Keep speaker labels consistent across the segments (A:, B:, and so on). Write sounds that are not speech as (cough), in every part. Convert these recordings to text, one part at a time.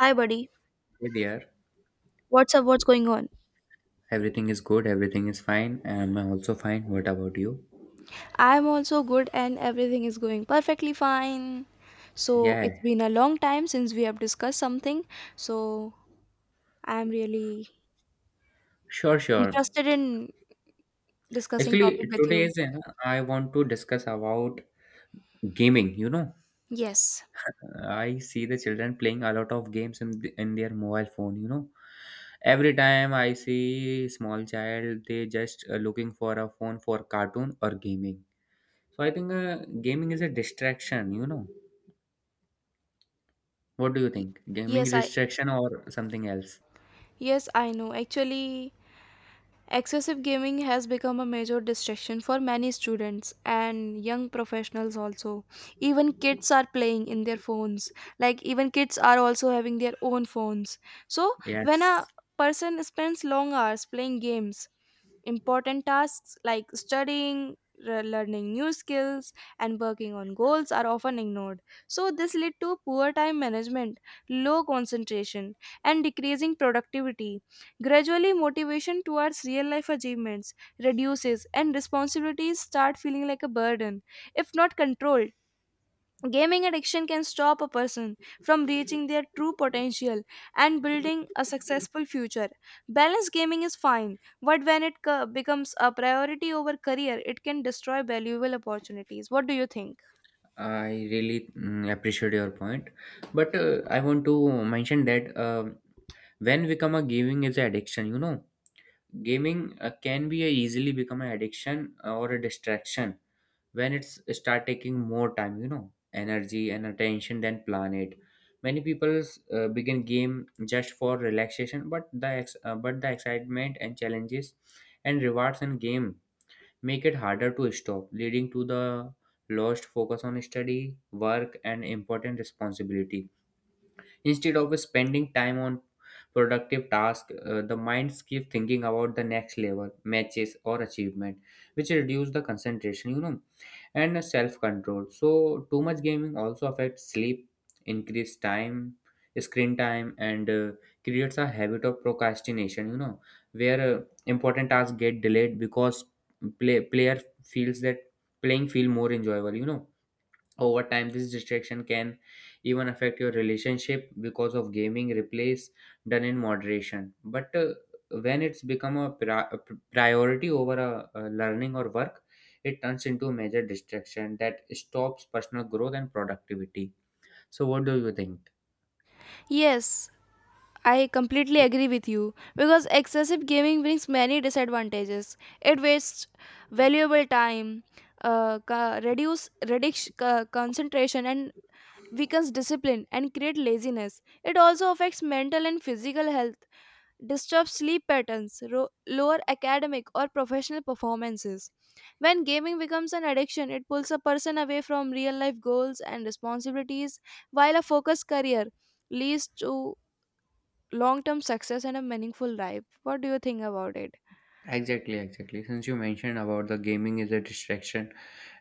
A: Hi, buddy.
B: Hey there,
A: What's up? What's going on?
B: everything is good, everything is fine. I'm also fine. What about you?
A: I'm also good and everything is going perfectly fine. So, it's
B: Yeah,
A: been a long time since we have discussed something. So, I'm really
B: sure, sure.
A: interested in discussing topic
B: Actually,
A: with
B: today
A: you.
B: is I want to discuss about gaming. You know,
A: Yes.
B: I see the children playing a lot of games in their mobile phone. You know, every time I see small child, they just looking for a phone for cartoon or gaming. So I think gaming is a distraction. You know, what do you
A: Y-
B: think? Gaming
A: Yes, I
B: distraction or something else?
A: Yes, I know. Actually, excessive gaming has become a major distraction for many students and young professionals also. Even kids are playing in their phones. Like even kids are also having their own phones. So when a
B: Yes.
A: person spends long hours playing games, important tasks like studying, learning new skills and working on goals are often ignored. So this lead to poor time management, low concentration and decreasing productivity. Gradually, motivation towards real life achievements reduces and responsibilities start feeling like a burden, if not controlled. Gaming addiction can stop a person from reaching their true potential and building a successful future. Balanced gaming is fine, but when it becomes a priority over career, it can destroy valuable opportunities. What do you think?
B: I really appreciate your point, but I want to mention that when become a gaming is an addiction, you know, gaming can be a easily become an addiction or a distraction when it's start taking more time, you know, energy and attention than plan it. Many people begin game just for relaxation, but but the excitement and challenges and rewards in game make it harder to stop, leading to the lost focus on study, work, and important responsibility. Instead of spending time on productive tasks, the minds keep thinking about the next level, matches, or achievement, which reduce the concentration. You know, and self control. So, too much gaming also affects sleep, increase time, screen time, and creates a habit of procrastination. You know, where important tasks get delayed because player feels that playing feel more enjoyable. You know, over time, this distraction can even affect your relationship because of gaming replays done in moderation. But when it's become priority over a learning or work, it turns into a major distraction that stops personal growth and productivity. So, what do you think?
A: Yes, I completely agree with you because excessive gaming brings many disadvantages. It wastes valuable time, reduce concentration, and weakens discipline and create laziness. It also affects mental and physical health, disturbs sleep patterns, lower academic or professional performances. When gaming becomes an addiction, it pulls a person away from real life goals and responsibilities, while a focused career leads to long term success and a meaningful life. What do you think about it?
B: Exactly, exactly. Since you mentioned about the gaming is a distraction,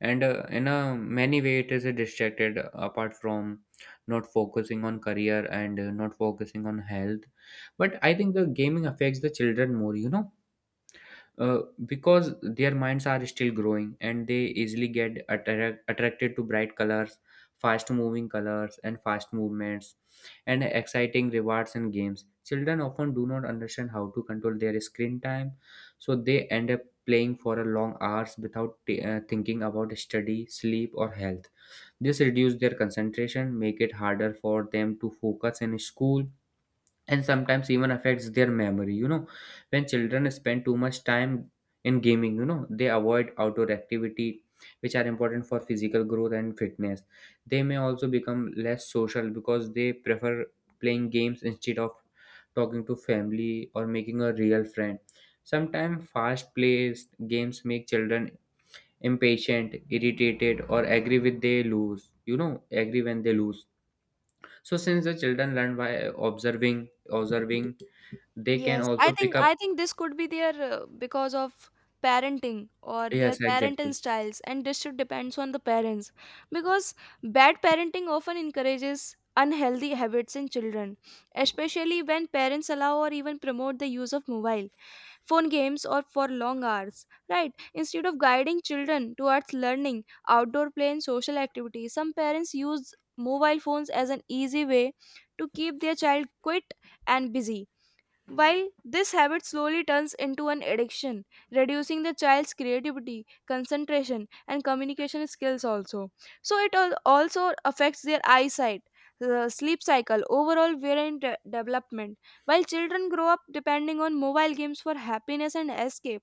B: and in a many way it is a distracted apart from not focusing on career and not focusing on health. But I think the gaming affects the children more. You know, uh, because their minds are still growing and they easily get attracted to bright colors, fast moving colors and fast movements and exciting rewards and games. Children often do not understand how to control their screen time, so they end up playing for a long hours without thinking about study, sleep or health. This reduces their concentration, make it harder for them to focus in school, and sometimes even affects their memory. You know, when children spend too much time in gaming, you know, they avoid outdoor activity which are important for physical growth and fitness. They may also become less social because they prefer playing games instead of talking to family or making a real friend. Sometimes fast paced games make children impatient, irritated or angry when they lose. So since the children learn by observing observing, they can
A: Yes, i
B: also pick
A: think
B: up.
A: i think this could be their, because of parenting or their
B: Yes,
A: parenting
B: exactly,
A: styles and this should depends on the parents, because bad parenting often encourages unhealthy habits in children, especially when parents allow or even promote the use of mobile phone games, or for long hours, right? Instead of guiding children towards learning, outdoor play, and social activities, some parents use mobile phones as an easy way to keep their child quiet and busy, while this habit slowly turns into an addiction, reducing the child's creativity, concentration, and communication skills also. So it also affects their eyesight, the sleep cycle, overall wear and development. While children grow up depending on mobile games for happiness and escape,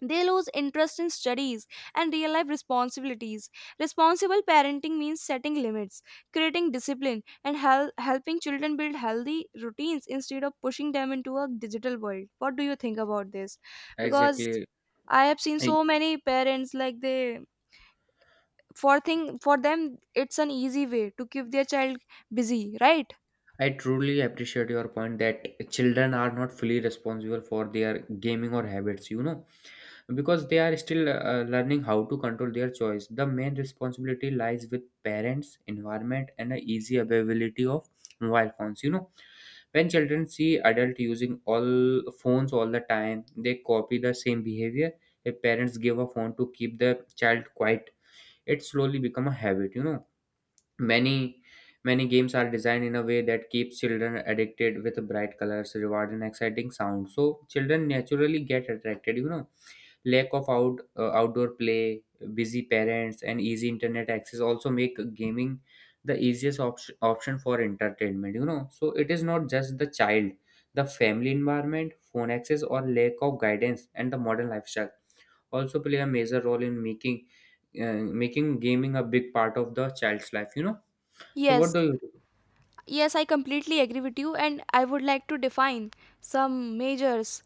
A: they lose interest in studies and real life responsibilities. Responsible parenting means setting limits, creating discipline, and helping children build healthy routines instead of pushing them into a digital world. What do you think about this? Because
B: exactly.
A: I have seen
B: I,
A: so many parents, like, they for thing for them it's an easy way to keep their child busy, right?
B: I truly appreciate your point that children are not fully responsible for their gaming or habits. You know, because they are still learning how to control their choice. The main responsibility lies with parents, environment and the easy availability of mobile phones. You know, when children see adult using all phones all the time, they copy the same behavior. If parents give a phone to keep the child quiet, it slowly become a habit. You know, Many many games are designed in a way that keeps children addicted with bright colors, reward, and exciting sounds. So children naturally get attracted. You know, lack of outdoor play, busy parents, and easy internet access also make gaming the easiest option for entertainment. You know, so it is not just the child, the family environment, phone access, or lack of guidance, and the modern lifestyle also play a major role in making gaming a big part of the child's life. You know, so what
A: Yes,
B: do you do?
A: yes, I completely agree with you, and I would like to define some measures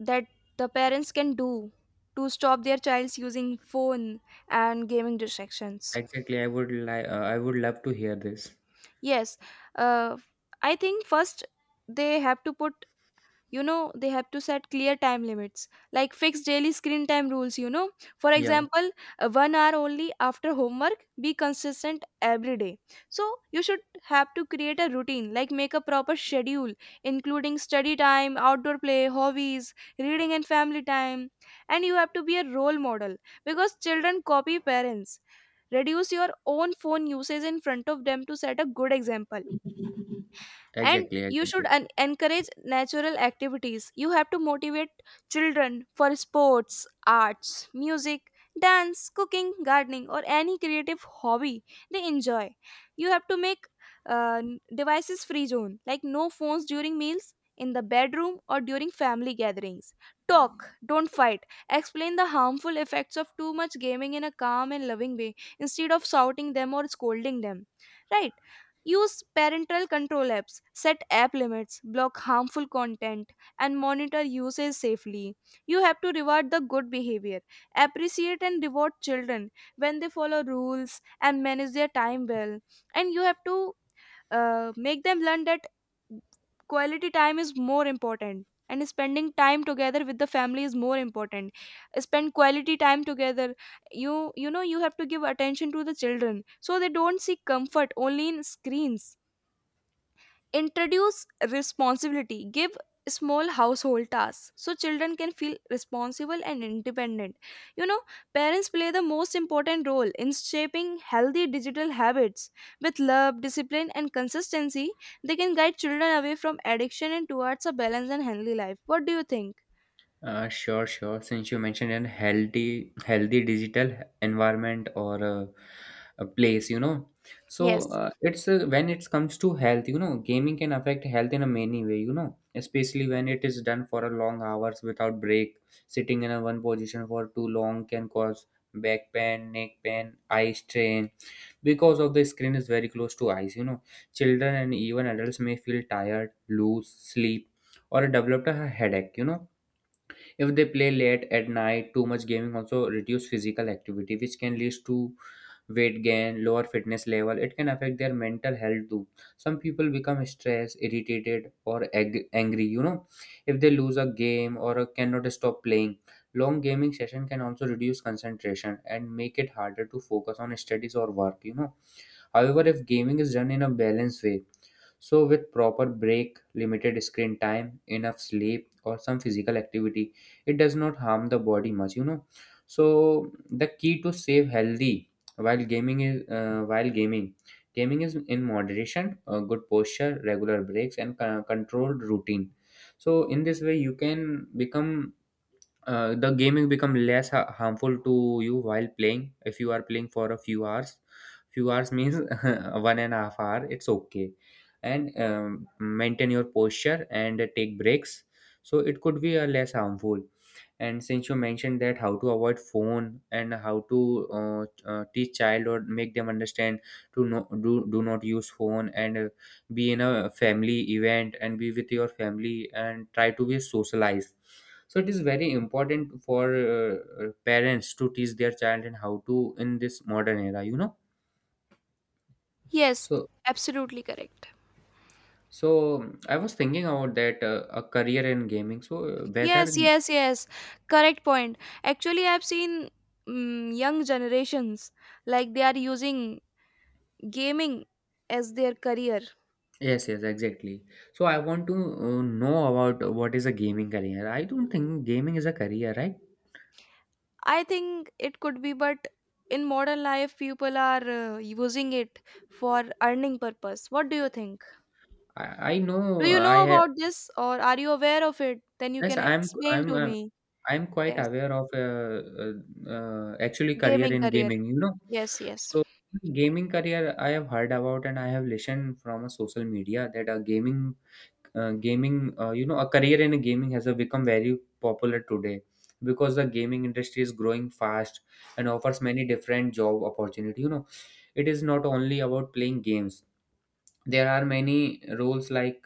A: that the parents can do to stop their child's using phone and gaming distractions.
B: Exactly, I would like I would love to hear this.
A: Yes, uh, I think first they have to put, you know, they have to set clear time limits, like fix daily screen time rules, you know, for
B: Yeah,
A: example, 1 hour only after homework, be consistent every day. So you should have to create a routine, like make a proper schedule including study time, outdoor play, hobbies, reading and family time. And you have to be a role model because children copy parents. Reduce your own phone usage in front of them to set a good example. And
B: exactly,
A: you should
B: exactly.
A: encourage natural activities. You have to motivate children for sports, arts, music, dance, cooking, gardening or any creative hobby they enjoy. You have to make uh, devices free zone, like no phones during meals, in the bedroom or during family gatherings. Talk, don't fight. Explain the harmful effects of too much gaming in a calm and loving way instead of shouting them or scolding them, right? Use parental control apps, set app limits, block harmful content, and monitor usage safely. You have to reward the good behavior. Appreciate and reward children when they follow rules and manage their time well. And you have to make them learn that quality time is more important and spending time together with the family is more important. Spend quality time together. you you know, you have to give attention to the children so they don't seek comfort only in screens. Introduce responsibility. Give small household tasks so children can feel responsible and independent. You know, parents play the most important role in shaping healthy digital habits. With love, discipline, and consistency, they can guide children away from addiction and towards a balanced and healthy life. What do you think?
B: Sure, sure. Since you mentioned a healthy digital environment or a place, you know, so
A: Yes.
B: it's when it comes to health, you know, gaming can affect health in a many way, you know, especially when it is done for a long hours without break. Sitting in a one position for too long can cause back pain, neck pain, eye strain because of the screen is very close to eyes. You know, children and even adults may feel tired, lose sleep, or develop a headache. You know, if they play late at night, too much gaming also reduce physical activity, which can lead to weight gain, lower fitness level. It can affect their mental health too. Some people become stressed, irritated, or angry. You know, if they lose a game or cannot stop playing, long gaming session can also reduce concentration and make it harder to focus on studies or work. You know, however, if gaming is done in a balanced way, so with proper break, limited screen time, enough sleep, or some physical activity, it does not harm the body much, you know. So the key to save healthy while gaming, gaming is in moderation, good posture, regular breaks, and controlled routine. So in this way, you can become the gaming become less harmful to you while playing. If you are playing for a few hours, few hours means (laughs) 1.5 hour it's okay, and maintain your posture and take breaks, so it could be a less harmful. And since you mentioned that how to avoid phone and how to teach child or make them understand to do not use phone, and be in a family event and be with your family and try to be socialized. So it is very important for parents to teach their child and how to in this modern era. You know,
A: Yes,
B: so
A: absolutely correct.
B: so I was thinking about that a career in gaming, so whether.
A: Yes, yes, yes. Correct point. Actually, I've seen young generations, like, they are using gaming as their career.
B: Yes, yes, exactly. So I want to know about what is a gaming career. I don't think gaming is a career, right?
A: I think it could be, but in modern life, people are using it for earning purpose. What do you think?
B: i, I
A: Do
B: know
A: you
B: I
A: know
B: have.
A: about this or are you aware of it? Then you
B: Yes,
A: can explain to me.
B: I'm quite
A: Yes,
B: aware of actually career
A: gaming
B: in
A: career.
B: gaming, you know.
A: Yes, yes.
B: So gaming career I have heard about and I have listened from a social media that a gaming gaming you know, a career in gaming has become very popular today because the gaming industry is growing fast and offers many different job opportunity, you know. It is not only about playing games. There are many roles like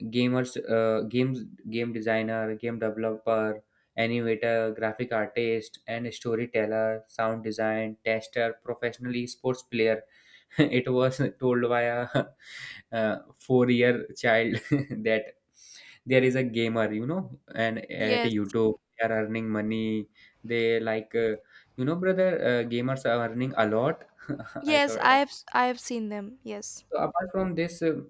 B: gamers uh, games game designer, game developer, animator, graphic artist and storyteller, sound design tester, professional esports player. (laughs) It was told by (laughs) 4 year child (laughs) that there is a gamer, you know, and at
A: Yes.
B: YouTube they are earning money. They like you know, brother, gamers are earning a lot. (laughs) I
A: Yes,
B: thought
A: I have seen them. Yes.
B: so apart from this,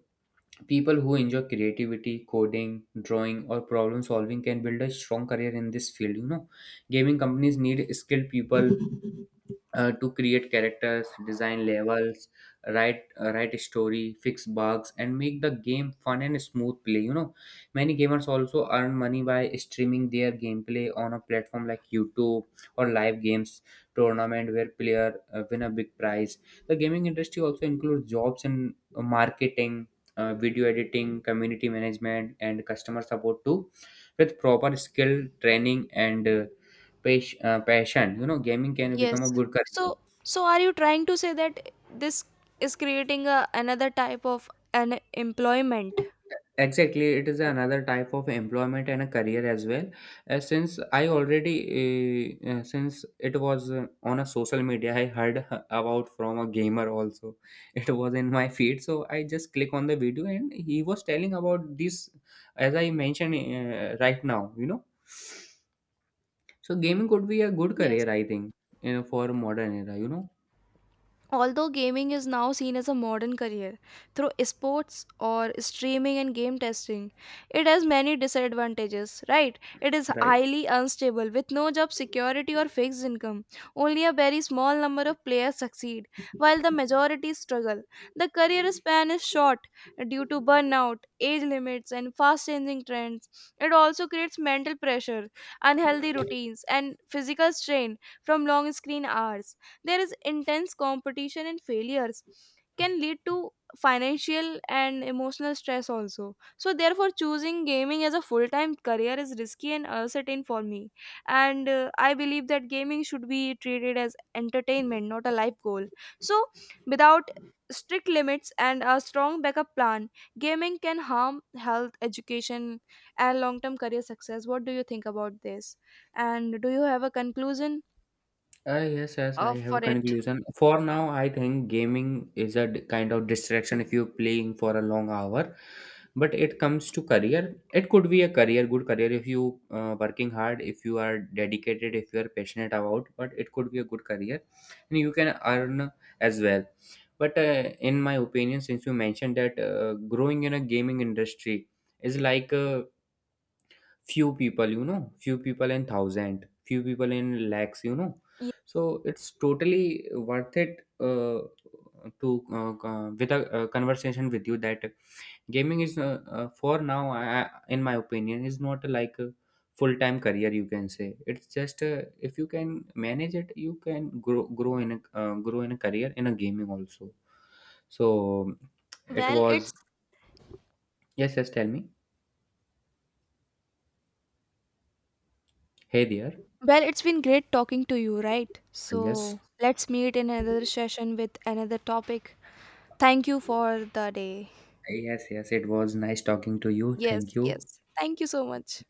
B: people who enjoy creativity, coding, drawing, or problem solving can build a strong career in this field. You know, gaming companies need skilled people to create characters, design levels, write a story, fix bugs, and make the game fun and smooth play. You know, many gamers also earn money by streaming their gameplay on a platform like YouTube or live games tournament where player win a big prize. The gaming industry also includes jobs in marketing, video editing, community management, and customer support too, with proper skill training and passion. You know, gaming can
A: Yes.
B: become a good career.
A: So so are you trying to say that this is creating a, another type of an employment?
B: Exactly, it is another type of employment and a career as well. Since I already since it was on a social media, I heard about from a gamer also. (laughs) It was in my feed, so I just click on the video and he was telling about this as I mentioned right now, you know. So gaming could be a good
A: Yes.
B: career, I think, you know, for modern era. You know,
A: Although gaming is now seen as a modern career through sports or streaming and game testing, it has many disadvantages, right? It is
B: right.
A: highly unstable with no job security or fixed income. Only a very small number of players succeed, while the majority struggle. The career span is short due to burnout, age limits, and fast changing trends. It also creates mental pressure, unhealthy routines, and physical strain from long screen hours. There is intense competition and failures can lead to financial and emotional stress also. So therefore choosing gaming as a full-time career is risky and uncertain for me. And I believe that gaming should be treated as entertainment, not a life goal. So without strict limits and a strong backup plan, gaming can harm health, education, and long-term career success. What do you think about this, and do you have a conclusion
B: Yes, yes,
A: of
B: I have a
A: for it?
B: conclusion. For now, I think gaming is a kind of distraction if you're playing for a long hour. But it comes to career. It could be a career, good career if you working hard, if you are dedicated, if you are passionate about. But it could be a good career, and you can earn as well. But in my opinion, since you mentioned that growing in a gaming industry is like few people, you know, few people in thousand, few people in lakhs, you know, so it's totally worth it to with a conversation with you that gaming is for now, in my opinion is not like a full-time career, you can say it's just if you can manage it, you can grow in a career in a gaming also. So it
A: Well, it's
B: was. Yes, yes, tell me. Hey there.
A: Well, it's been great talking to you, right?
B: Yes.
A: So let's meet in another session with another topic. Thank you for the day.
B: Yes, yes, it was nice talking to you.
A: Yes,
B: Thank you.
A: yes. Thank you so much.